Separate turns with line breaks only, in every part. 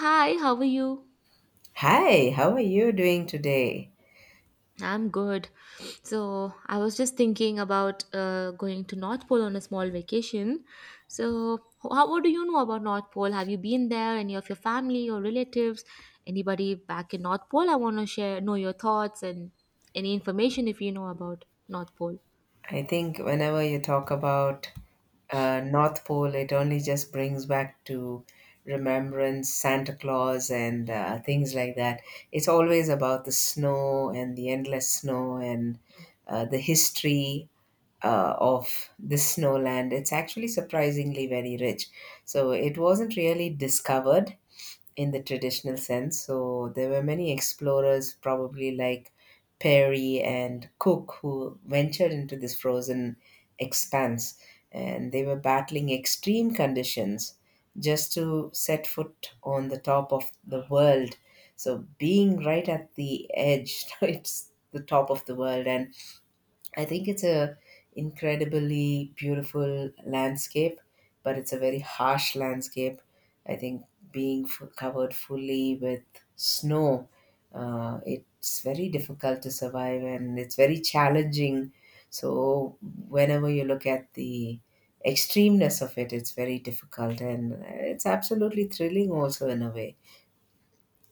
Hi, how are you?
Hi, how are you doing today?
I'm good. So, I was just thinking about going to North Pole on a small vacation. So, how, what do you know about North Pole? Have you been there? Any of your family or relatives? Anybody back in North Pole? I want to share, know your thoughts and any information if you know about North Pole.
I think whenever you talk about North Pole, it only just brings back to remembrance Santa Claus and things like that. It's always about the snow and the endless snow and the history of the snowland. It's actually surprisingly very rich. So it wasn't really discovered in the traditional sense. So there were many explorers, probably like Perry and Cook, who ventured into this frozen expanse, and they were battling extreme conditions just to set foot on the top of the world. So being right at the edge, it's the top of the world, and I think it's a incredibly beautiful landscape, but it's a very harsh landscape. I think covered fully with snow. It's very difficult to survive and it's very challenging. So whenever you look at the extremeness of it, it's very difficult and it's absolutely thrilling also in a way.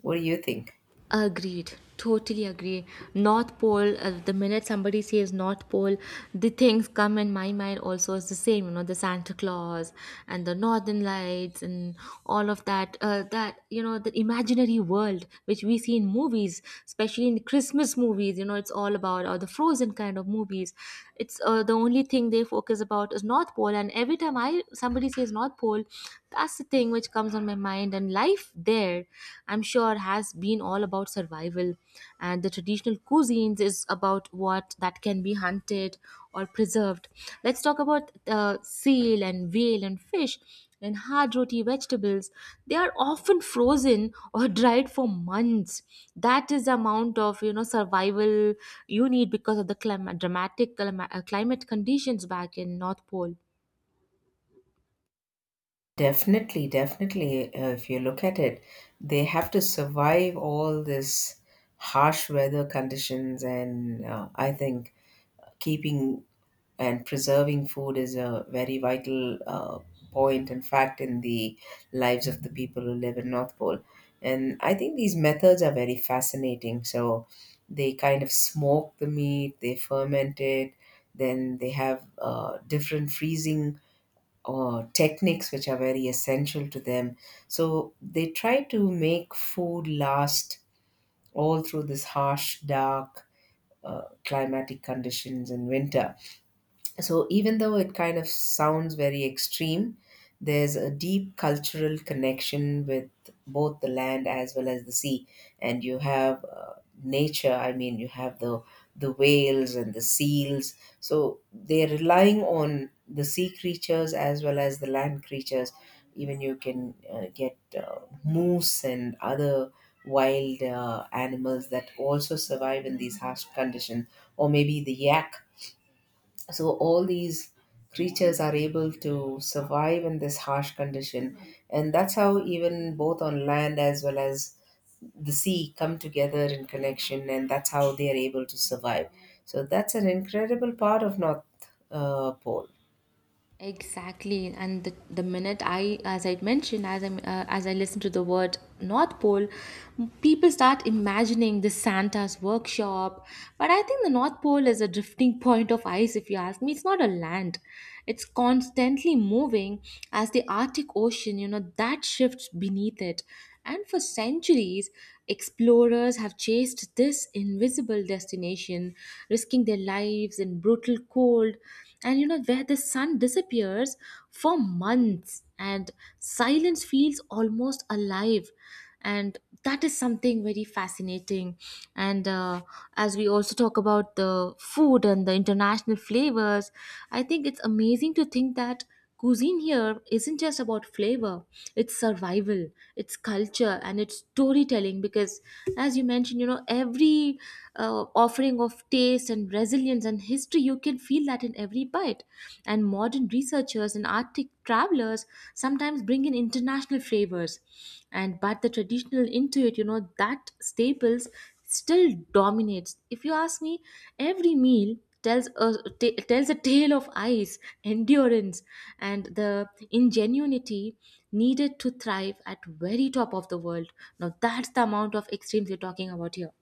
What do you think?
Agreed. Totally agree. North Pole, the minute somebody says North Pole, the things come in my mind also is the same, the Santa Claus and the Northern Lights and all of that, that, the imaginary world which we see in movies, especially in Christmas movies, it's all about, or the frozen kind of movies. It's the only thing they focus about is North Pole. And every time I somebody says North Pole, that's the thing which comes on my mind. And life there I'm sure has been all about survival, and the traditional cuisines is about what that can be hunted or preserved. Let's talk about seal and whale and fish and hard roti vegetables. They are often frozen or dried for months. That is the amount of survival you need because of the dramatic climate conditions back in North Pole.
Definitely, definitely. If you look at it, they have to survive all this harsh weather conditions, and I think keeping and preserving food is a very vital point and fact in the lives of the people who live in North Pole. And I think these methods are very fascinating. So they kind of smoke the meat, they ferment it, then they have different freezing or techniques which are very essential to them. So they try to make food last all through this harsh, dark climatic conditions in winter. So, even though it kind of sounds very extreme, there's a deep cultural connection with both the land as well as the sea. And you have nature, I mean, you have the whales and the seals. So, they're relying on the sea creatures as well as the land creatures. Even you can get moose and other wild animals that also survive in these harsh conditions, or maybe the yak. So all these creatures are able to survive in this harsh condition, and that's how even both on land as well as the sea come together in connection, and that's how they are able to survive. So that's an incredible part of north pole.
Exactly, and the minute as I mentioned, as I listen to the word North Pole, people start imagining the Santa's workshop. But I think the North Pole is a drifting point of ice. If you ask me, it's not a land; it's constantly moving as the Arctic Ocean. You know that shifts beneath it, and for centuries, explorers have chased this invisible destination, risking their lives in brutal cold, and where the sun disappears for months, and silence feels almost alive. And that is something very fascinating. And as we also talk about the food and the international flavors, I think it's amazing to think that cuisine here isn't just about flavor, it's survival, it's culture, and it's storytelling because, as you mentioned, every offering of taste and resilience and history, you can feel that in every bite. And modern researchers and Arctic travelers sometimes bring in international flavors. And but the traditional Intuit, that staples still dominates. If you ask me, every meal tells a tale of ice, endurance, and the ingenuity needed to thrive at very top of the world. Now that's the amount of extremes we're talking about here.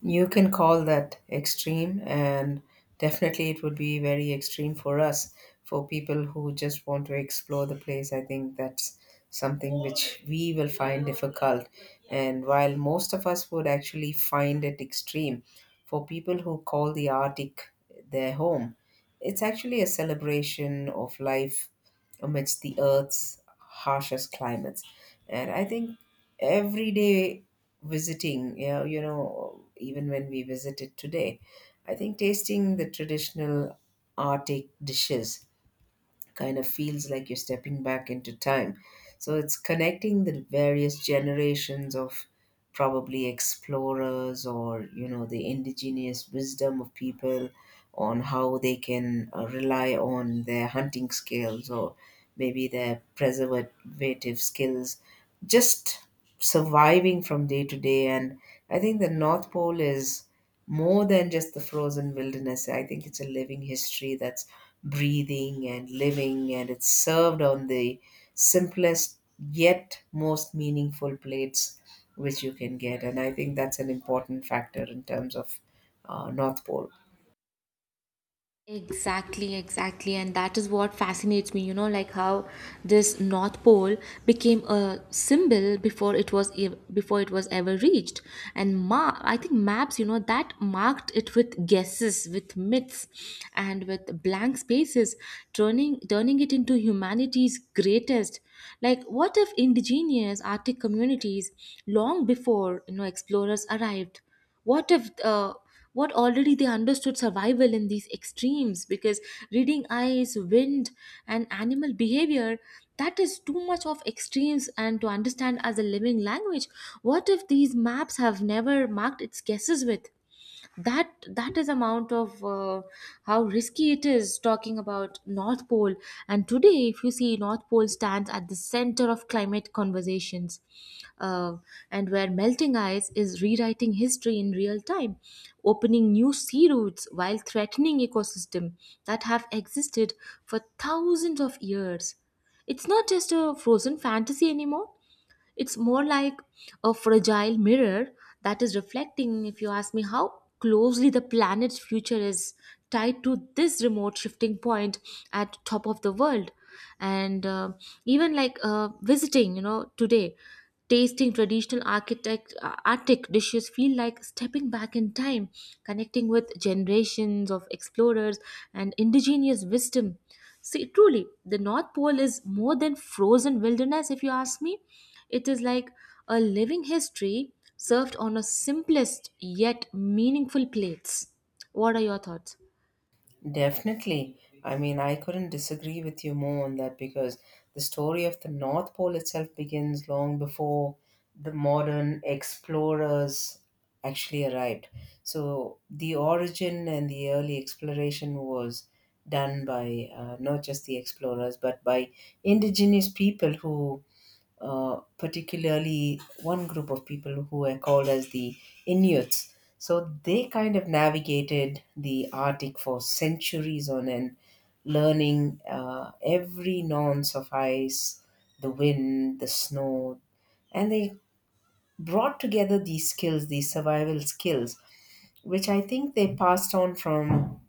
You can call that extreme, and definitely it would be very extreme for us, for people who just want to explore the place. I think that's something which we will find difficult. And while most of us would actually find it extreme, for people who call the Arctic their home, it's actually a celebration of life amidst the Earth's harshest climates. And I think every day visiting, even when we visited today, I think tasting the traditional Arctic dishes kind of feels like you're stepping back into time. So it's connecting the various generations of probably explorers or you know the indigenous wisdom of people on how they can rely on their hunting skills or maybe their preservative skills, just surviving from day to day. And I think the north pole is more than just the frozen wilderness. I think it's a living history that's breathing and living, and it's served on the simplest yet most meaningful plates which you can get. And I think that's an important factor in terms of North Pole.
Exactly, exactly. And that is what fascinates me, like how this North Pole became a symbol before before it was ever reached. And ma I think maps, that marked it with guesses, with myths, and with blank spaces, turning it into humanity's greatest. Like what if indigenous Arctic communities long before, explorers arrived? What if what already they understood survival in these extremes, because reading eyes, wind, and animal behavior, that is too much of extremes, and to understand as a living language. What if these maps have never marked its guesses with That is amount of how risky it is talking about North Pole. And today if you see, North Pole stands at the center of climate conversations, uh, and where melting ice is rewriting history in real time, opening new sea routes while threatening ecosystems that have existed for thousands of years. It's not just a frozen fantasy anymore. It's more like a fragile mirror that is reflecting, if you ask me, how closely the planet's future is tied to this remote shifting point at top of the world. And even like visiting today, tasting traditional architect Arctic dishes feel like stepping back in time, connecting with generations of explorers and indigenous wisdom. See, truly, the North Pole is more than frozen wilderness, if you ask me. It is like a living history served on a simplest yet meaningful plates. What are your thoughts?
Definitely. I mean, I couldn't disagree with you more on that because the story of the North Pole itself begins long before the modern explorers actually arrived. So, the origin and the early exploration was done by not just the explorers but by indigenous people who particularly one group of people who were called as the Inuits. So they kind of navigated the Arctic for centuries on end, learning every nuance of ice, the wind, the snow, and they brought together these skills, these survival skills, which I think they passed on from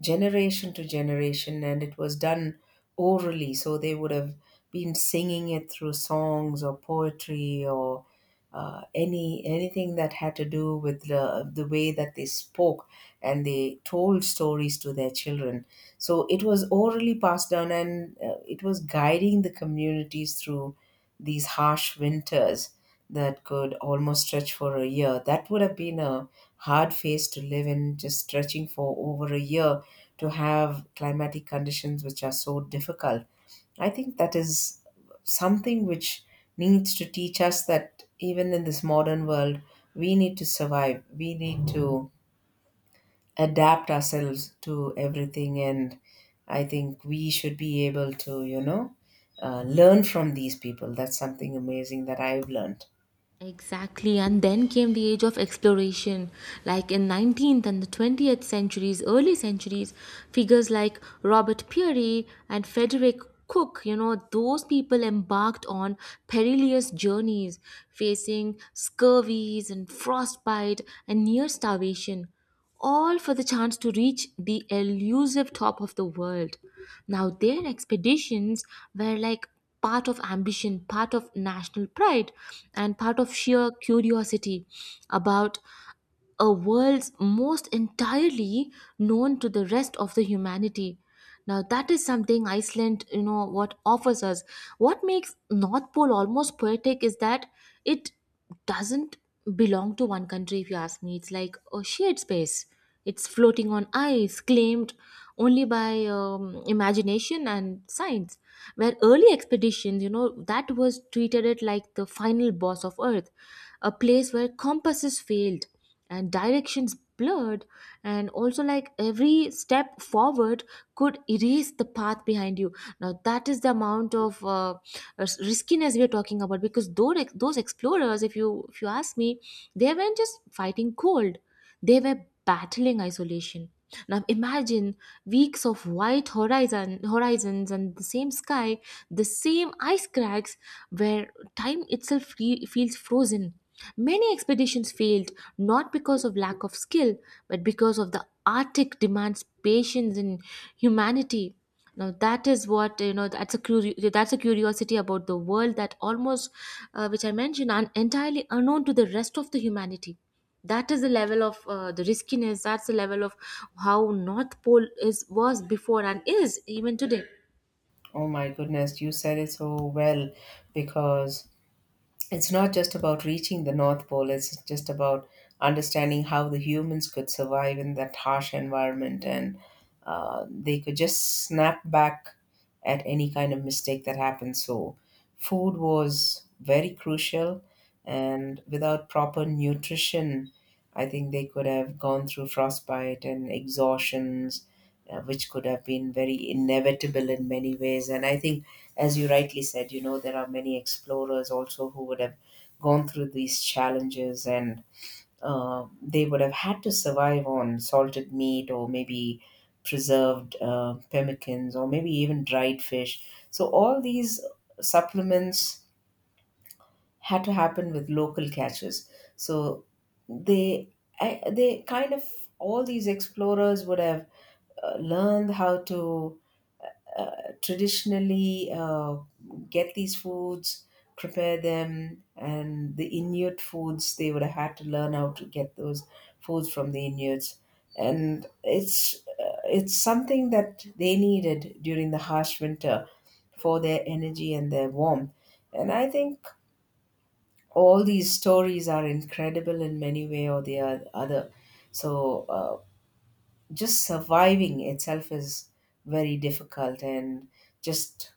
generation to generation. And it was done orally, so they would have been singing it through songs or poetry or anything that had to do with the way that they spoke, and they told stories to their children. So it was orally passed down, and it was guiding the communities through these harsh winters that could almost stretch for a year. That would have been a hard phase to live in, just stretching for over a year to have climatic conditions which are so difficult. I think that is something which needs to teach us that even in this modern world, we need to survive, we need to adapt ourselves to everything, and I think we should be able to, you know, learn from these people. That's something amazing that I've learned.
Exactly, and then came the age of exploration. Like in 19th and the 20th centuries, early centuries, figures like Robert Peary and Frederick Cook, those people embarked on perilous journeys, facing scurvies and frostbite and near starvation, all for the chance to reach the elusive top of the world. Now, their expeditions were like part of ambition, part of national pride, and part of sheer curiosity about a world's most entirely known to the rest of the humanity. Now that is something Iceland what offers us. What makes North Pole almost poetic is that it doesn't belong to one country. If you ask me, it's like a shared space. It's floating on ice, claimed only by imagination and science, where early expeditions that was treated it like the final boss of earth, a place where compasses failed and directions blurred, and also like every step forward could erase the path behind you. Now that is the amount of riskiness we are talking about, because those explorers, if you ask me, they weren't just fighting cold, they were battling isolation. Now imagine weeks of white horizons and the same sky, the same ice cracks, where time itself feels frozen. Many expeditions failed, not because of lack of skill, but because of the Arctic demands patience and humanity. Now that is what you know. That's a curiosity about the world that almost, which I mentioned, are entirely unknown to the rest of the humanity. That is the level of the riskiness. That's the level of how North Pole is was before and is even today.
Oh my goodness, you said it so well because it's not just about reaching the North Pole, it's just about understanding how the humans could survive in that harsh environment, and they could just snap back at any kind of mistake that happened. So, food was very crucial, and without proper nutrition, I think they could have gone through frostbite and exhaustions, which could have been very inevitable in many ways. And I think as you rightly said, you know, there are many explorers also who would have gone through these challenges, and they would have had to survive on salted meat or maybe preserved pemmicans or maybe even dried fish. So, all these supplements had to happen with local catches. So, they, they kind of, all these explorers would have learned how to traditionally get these foods, prepare them, and the Inuit foods they would have had to learn how to get those foods from the Inuits, and it's something that they needed during the harsh winter for their energy and their warmth, and I think all these stories are incredible in many way or the other. So. Uh, just surviving itself is very difficult, and just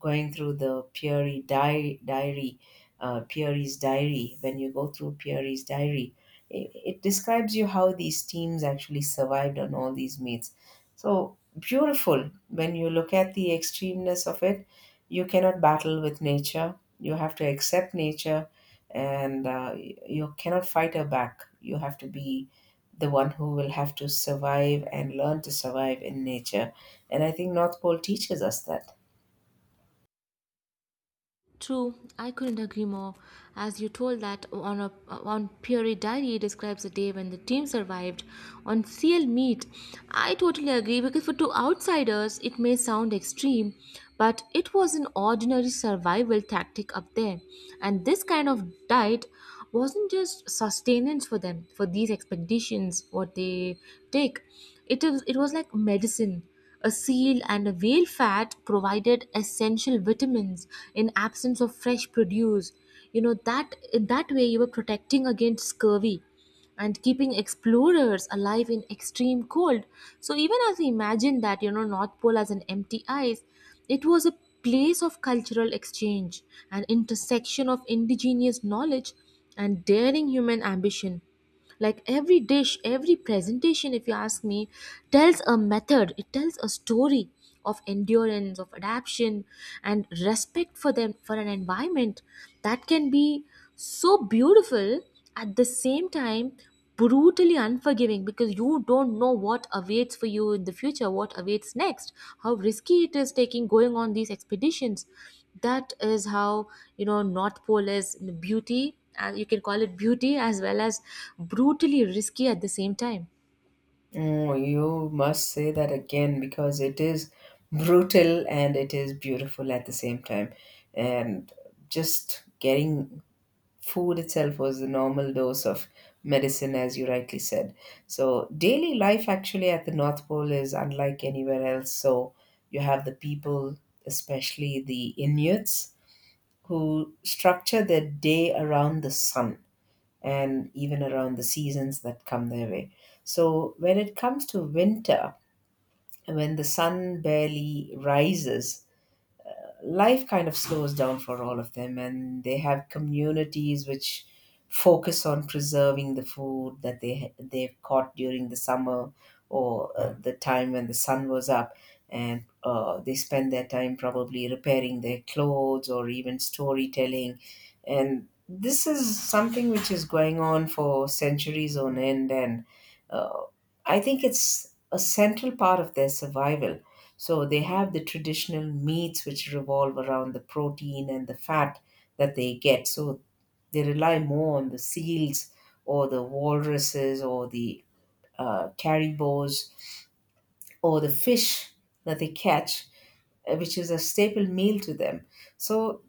going through the Peary di diary, Peary's diary when you go through Peary's diary, it describes you how these teams actually survived on all these meets. So beautiful when you look at the extremeness of it. You cannot battle with nature, you have to accept nature, and you cannot fight her back. You have to be the one who will have to survive and learn to survive in nature. And I think North Pole teaches us that.
True, I couldn't agree more. As you told that on Fury Diary describes a day when the team survived on CL Meet, I totally agree because for two outsiders it may sound extreme, but it was an ordinary survival tactic up there, and this kind of diet wasn't just sustenance for them for these expeditions what they take. It was like medicine. A seal and a whale fat provided essential vitamins in absence of fresh produce. You know that that way you were protecting against scurvy and keeping explorers alive in extreme cold. So even as we imagine that, North Pole as an empty ice, it was a place of cultural exchange, an intersection of indigenous knowledge and daring human ambition, like every dish, every presentation, if you ask me, tells a method, it tells a story of endurance, of adaptation, and respect for them, for an environment that can be so beautiful, at the same time brutally unforgiving, because you don't know what awaits for you in the future, what awaits next, how risky it is taking going on these expeditions. That is how North Pole is beauty, and you can call it beauty as well as brutally risky at the same time.
Oh, you must say that again because it is brutal and it is beautiful at the same time. And just getting food itself was the normal dose of medicine, as you rightly said. So, daily life actually at the North Pole is unlike anywhere else. So, you have the people, especially the Inuits, who structure their day around the sun and even around the seasons that come their way. So, when it comes to winter, when the sun barely rises, life kind of slows down for all of them, and they have communities which focus on preserving the food that they've caught during the summer, or the time when the sun was up, and they spend their time probably repairing their clothes or even storytelling. And this is something which is going on for centuries on end, and I think it's a central part of their survival. So they have the traditional meats which revolve around the protein and the fat that they get. So they rely more on the seals or the walruses or the caribous or the fish that they catch, which is a staple meal to them. So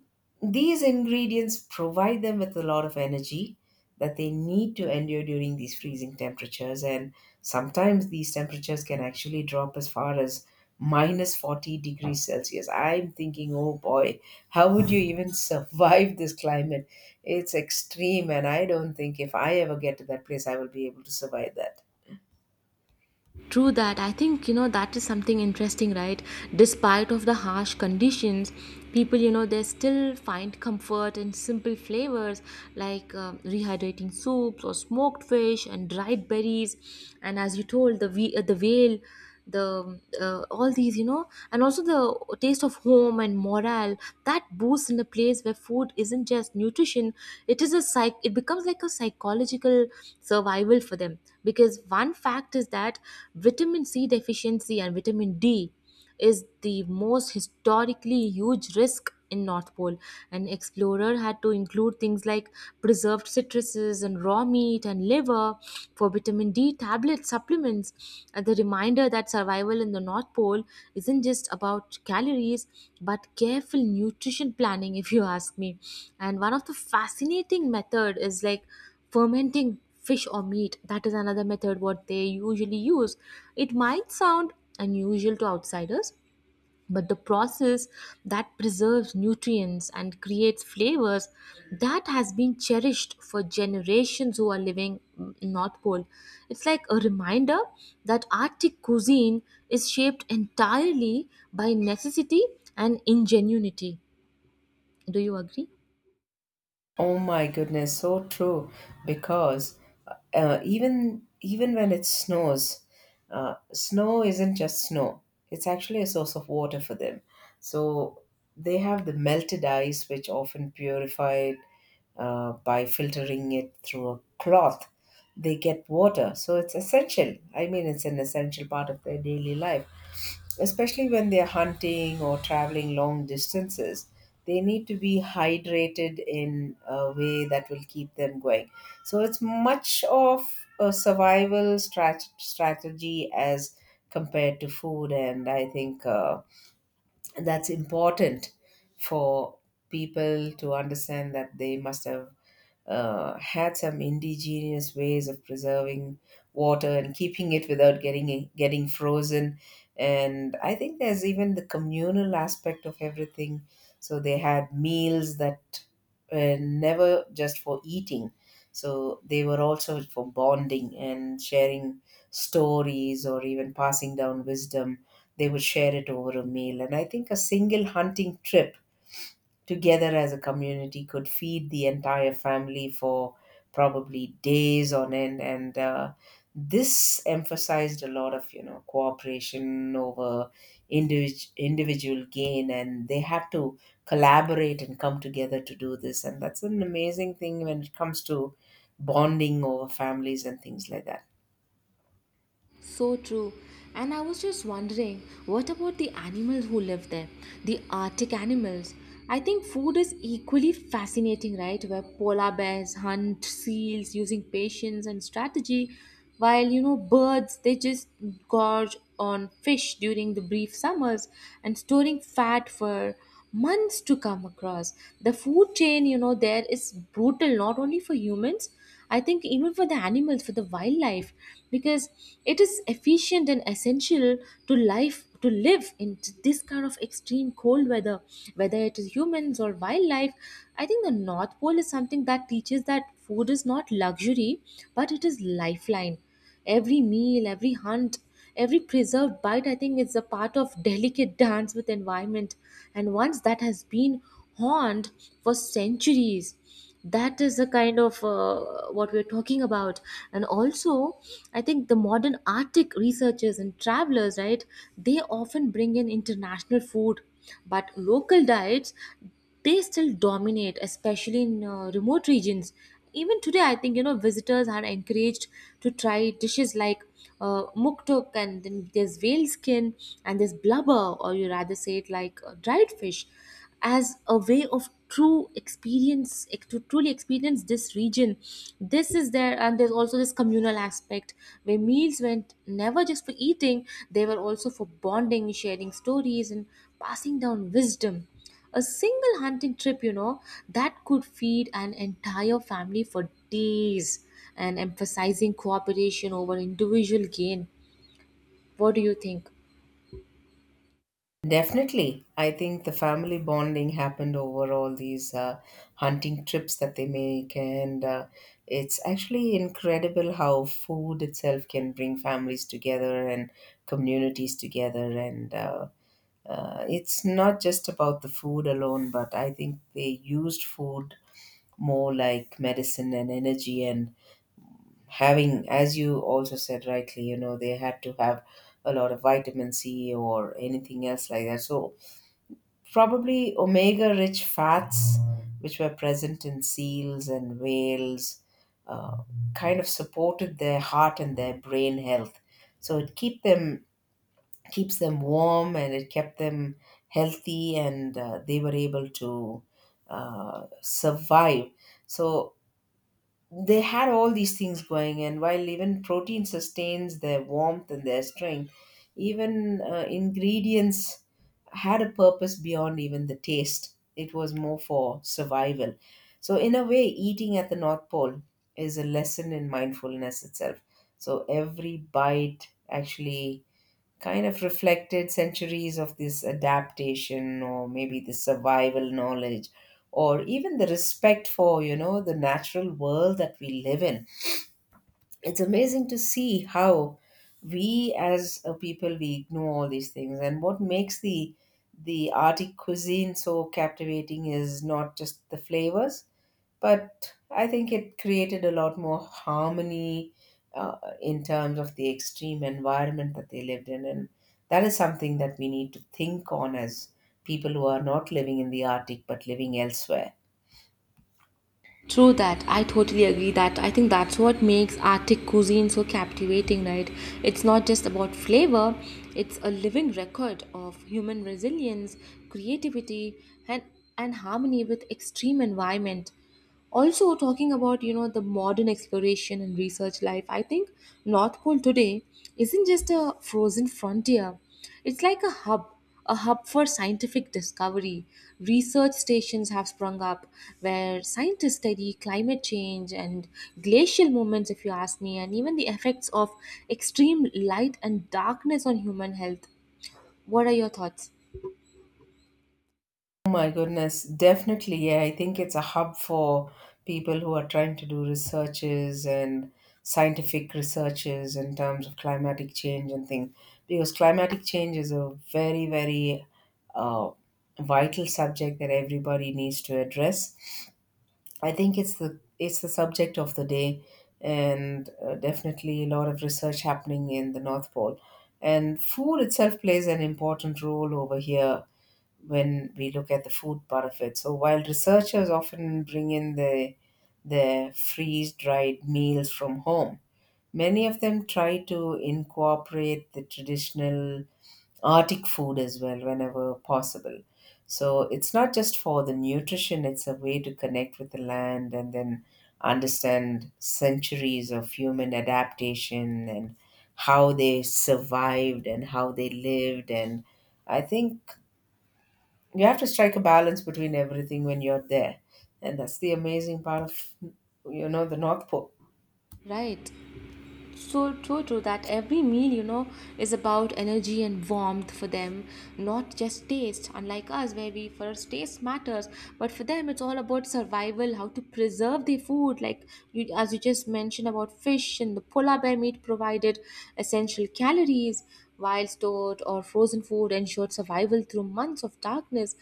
these ingredients provide them with a lot of energy that they need to endure during these freezing temperatures. And sometimes these temperatures can actually drop as far as minus 40 degrees Celsius. I'm thinking, oh boy, how would you even survive this climate? It's extreme, and I don't think if I ever get to that place, I will be able to survive that.
True that. I think that is something interesting, right? Despite of the harsh conditions, people they still find comfort in simple flavors like rehydrating soups or smoked fish and dried berries. And as you told, the whale, the all these and also the taste of home and morale that boosts in a place where food isn't just nutrition, it becomes like a psychological survival for them. Because one fact is that vitamin C deficiency and vitamin D is the most historically huge risk in North Pole. An explorer had to include things like preserved citruses and raw meat and liver for vitamin D tablet supplements. And the reminder that survival in the North Pole isn't just about calories, but careful nutrition planning, if you ask me. And one of the fascinating method is like fermenting fish or meat. That is another method what they usually use. It might sound unusual to outsiders, but the process that preserves nutrients and creates flavors that has been cherished for generations who are living North Pole. It's like a reminder that Arctic cuisine is shaped entirely by necessity and ingenuity. Do you agree?
Oh my goodness, so true. Because even when it snows, snow isn't just snow. It's actually a source of water for them. So they have the melted ice, which often purified by filtering it through a cloth. They get water, so it's essential. I mean, it's an essential part of their daily life, especially when they're hunting or traveling long distances. They need to be hydrated in a way that will keep them going. So it's much of a strategy as compared to food, and I think that's important for people to understand that they must have had some indigenous ways of preserving water and keeping it without getting frozen. And I think there's even the communal aspect of everything. So they had meals that were never just for eating. So they were also for bonding and sharing stories or even passing down wisdom. They would share it over a meal. And I think a single hunting trip together as a community could feed the entire family for probably days on end and this emphasized a lot of cooperation over individual gain, and they had to collaborate and come together to do this. And that's an amazing thing when it comes to bonding over families and things like that.
So true. And I was just wondering, what about the animals who live there? The Arctic animals. I think food is equally fascinating, right? Where polar bears hunt seals using patience and strategy, while, birds, they just gorge on fish during the brief summers and storing fat for months to come across. The food chain, there is brutal not only for humans, I think even for the animals, for the wildlife, because it is efficient and essential to life to live in this kind of extreme cold weather, whether it is humans or wildlife. I think the North Pole is something that teaches that food is not luxury, but it is lifeline. Every meal, every hunt, every preserved bite, I think, is a part of delicate dance with environment. And once that has been honed for centuries, that is the kind of what we're talking about, and also I think the modern Arctic researchers and travelers, right, they often bring in international food, but local diets, they still dominate, especially in remote regions. Even today, I think, you know, visitors are encouraged to try dishes like muktuk, and then there's whale skin, and there's blubber, or you rather say it like dried fish, as a way of true experience to truly experience this region. This is there, and there's also this communal aspect where meals went never just for eating, they were also for bonding, sharing stories, and passing down wisdom. A single hunting trip, you know, that could feed an entire family for days, and emphasizing cooperation over individual gain. What do you think?
Definitely. I think the family bonding happened over all these hunting trips that they make, and it's actually incredible how food itself can bring families together and communities together. And It's not just about the food alone, but I think they used food more like medicine and energy, and having, as you also said rightly, you know, they had to have a lot of vitamin C or anything else like that. So probably omega rich fats, which were present in seals and whales, uh, kind of supported their heart and their brain health. So it keeps them warm, and it kept them healthy, and they were able to survive. So they had all these things going, and while even protein sustains their warmth and their strength, even ingredients had a purpose beyond even the taste. It was more for survival. So in a way, eating at the North Pole is a lesson in mindfulness itself. So every bite actually kind of reflected centuries of this adaptation, or maybe the survival knowledge, or even the respect for, you know, the natural world that we live in. It's amazing to see how we as a people, we ignore all these things. And what makes the Arctic cuisine so captivating is not just the flavors, but I think it created a lot more harmony in terms of the extreme environment that they lived in. And that is something that we need to think on as people who are not living in the Arctic but living elsewhere.
True that. I totally agree that. I think that's what makes Arctic cuisine so captivating, right? It's not just about flavor, it's a living record of human resilience, creativity, and, and harmony with extreme environment. Also, talking about, you know, the modern exploration and research life, I think North Pole today isn't just a frozen frontier. It's like a hub for scientific discovery. Research stations have sprung up where scientists study climate change and glacial movements, if you ask me, and even the effects of extreme light and darkness on human health. What are your thoughts?
Oh my goodness, definitely. Yeah, I think it's a hub for people who are trying to do researches and scientific researches in terms of climatic change and things. Because climatic change is a very, very uh, vital subject that everybody needs to address. I think it's the subject of the day, and definitely a lot of research happening in the North Pole. And food itself plays an important role over here when we look at the food part of it. So while researchers often bring in their freeze-dried meals from home, many of them try to incorporate the traditional Arctic food as well, whenever possible. So it's not just for the nutrition, it's a way to connect with the land and then understand centuries of human adaptation, and how they survived and how they lived. And I think you have to strike a balance between everything when you're there. And that's the amazing part of, you know, the North Pole.
Right. So true, true that every meal, you know, is about energy and warmth for them, not just taste, unlike us where we first taste matters. But for them it's all about survival, how to preserve the food, like you, as you just mentioned about fish and the polar bear meat provided essential calories, while stored or frozen food ensured survival through months of darkness.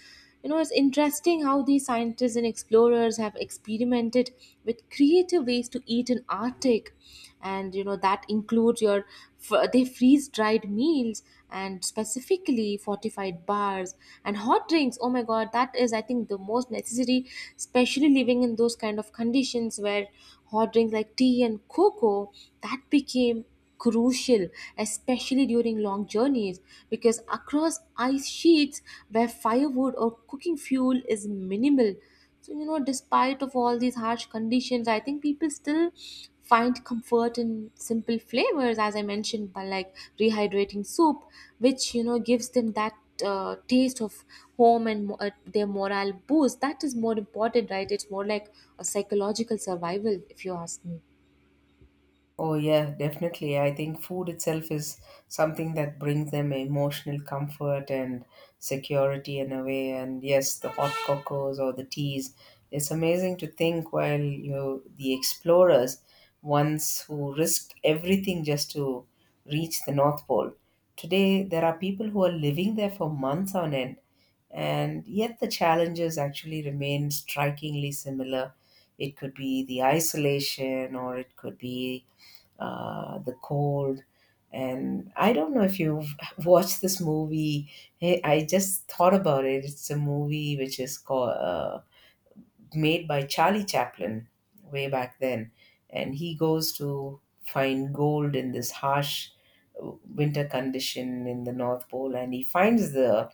You know, it's interesting how these scientists and explorers have experimented with creative ways to eat in Arctic, and you know, that includes your they freeze dried meals and specifically fortified bars and hot drinks. Oh my god, that is, I think, the most necessary, especially living in those kind of conditions where hot drinks like tea and cocoa, that became crucial, especially during long journeys, because across ice sheets where firewood or cooking fuel is minimal. So you know, despite of all these harsh conditions, I think people still find comfort in simple flavors, as I mentioned, by like rehydrating soup, which you know gives them that taste of home and their morale boost. That is more important, right? It's more like a psychological survival, if you ask me.
Oh, yeah, definitely. I think food itself is something that brings them emotional comfort and security in a way. And yes, the hot cocos or the teas. It's amazing to think, while you know, the explorers, ones who risked everything just to reach the North Pole, today there are people who are living there for months on end. And yet the challenges actually remain strikingly similar. It could be the isolation, or it could be the cold. And I don't know if you've watched this movie. Hey, I just thought about it. It's a movie which is called made by Charlie Chaplin way back then, and he goes to find gold in this harsh winter condition in the North Pole, and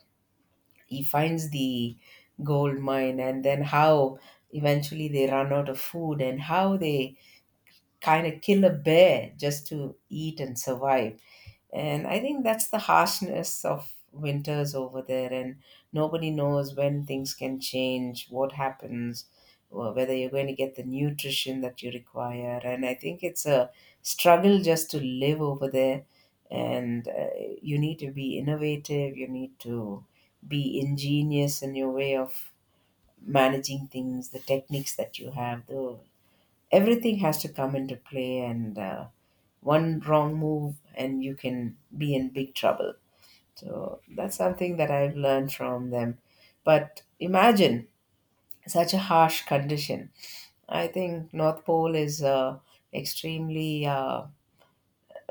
he finds the gold mine, and then how eventually they run out of food, and how they kind of kill a bear just to eat and survive. And I think that's the harshness of winters over there. And nobody knows when things can change, what happens, or whether you're going to get the nutrition that you require. And I think it's a struggle just to live over there. And you need to be innovative, you need to be ingenious in your way of managing things, the techniques that you have, the everything has to come into play. And one wrong move and you can be in big trouble. So that's something that I've learned from them. But imagine such a harsh condition. I think North Pole is extremely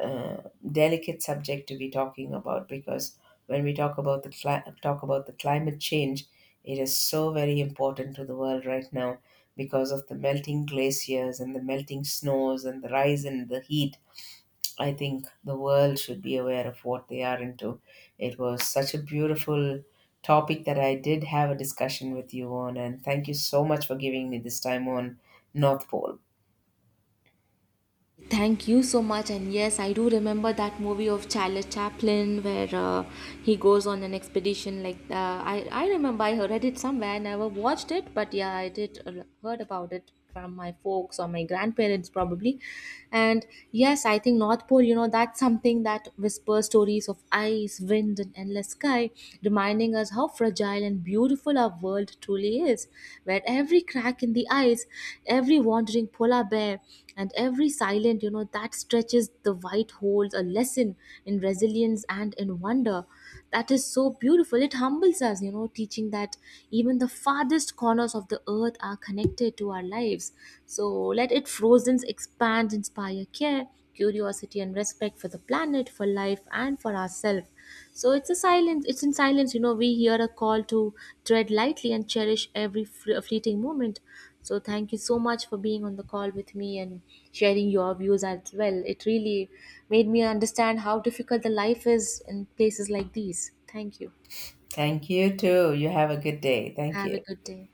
uh, delicate subject to be talking about, because when we talk about the talk about the climate change, it is so very important to the world right now because of the melting glaciers and the melting snows and the rise in the heat. I think the world should be aware of what they are into. It was such a beautiful topic that I did have a discussion with you on, and thank you so much for giving me this time on North Pole.
Thank you so much. And yes, I do remember that movie of Charlie Chaplin where he goes on an expedition. Like I remember I read it somewhere. I never watched it, but yeah, I did heard about it from my folks or my grandparents probably. And yes, I think North Pole. You know, that's something that whispers stories of ice, wind, and endless sky, reminding us how fragile and beautiful our world truly is, where every crack in the ice, every wandering polar bear, and every silent, you know, that stretches the white holds a lesson in resilience and in wonder. That is so beautiful. It humbles us, you know, teaching that even the farthest corners of the earth are connected to our lives. So let it frozen, expand, inspire care, curiosity, and respect for the planet, for life, and for ourselves. So it's a silence. It's in silence, you know, we hear a call to tread lightly and cherish every fleeting moment. So thank you so much for being on the call with me and sharing your views as well. It really made me understand how difficult the life is in places like these. Thank you.
Thank you too. You have a good day. Thank
Have a
you.
good day.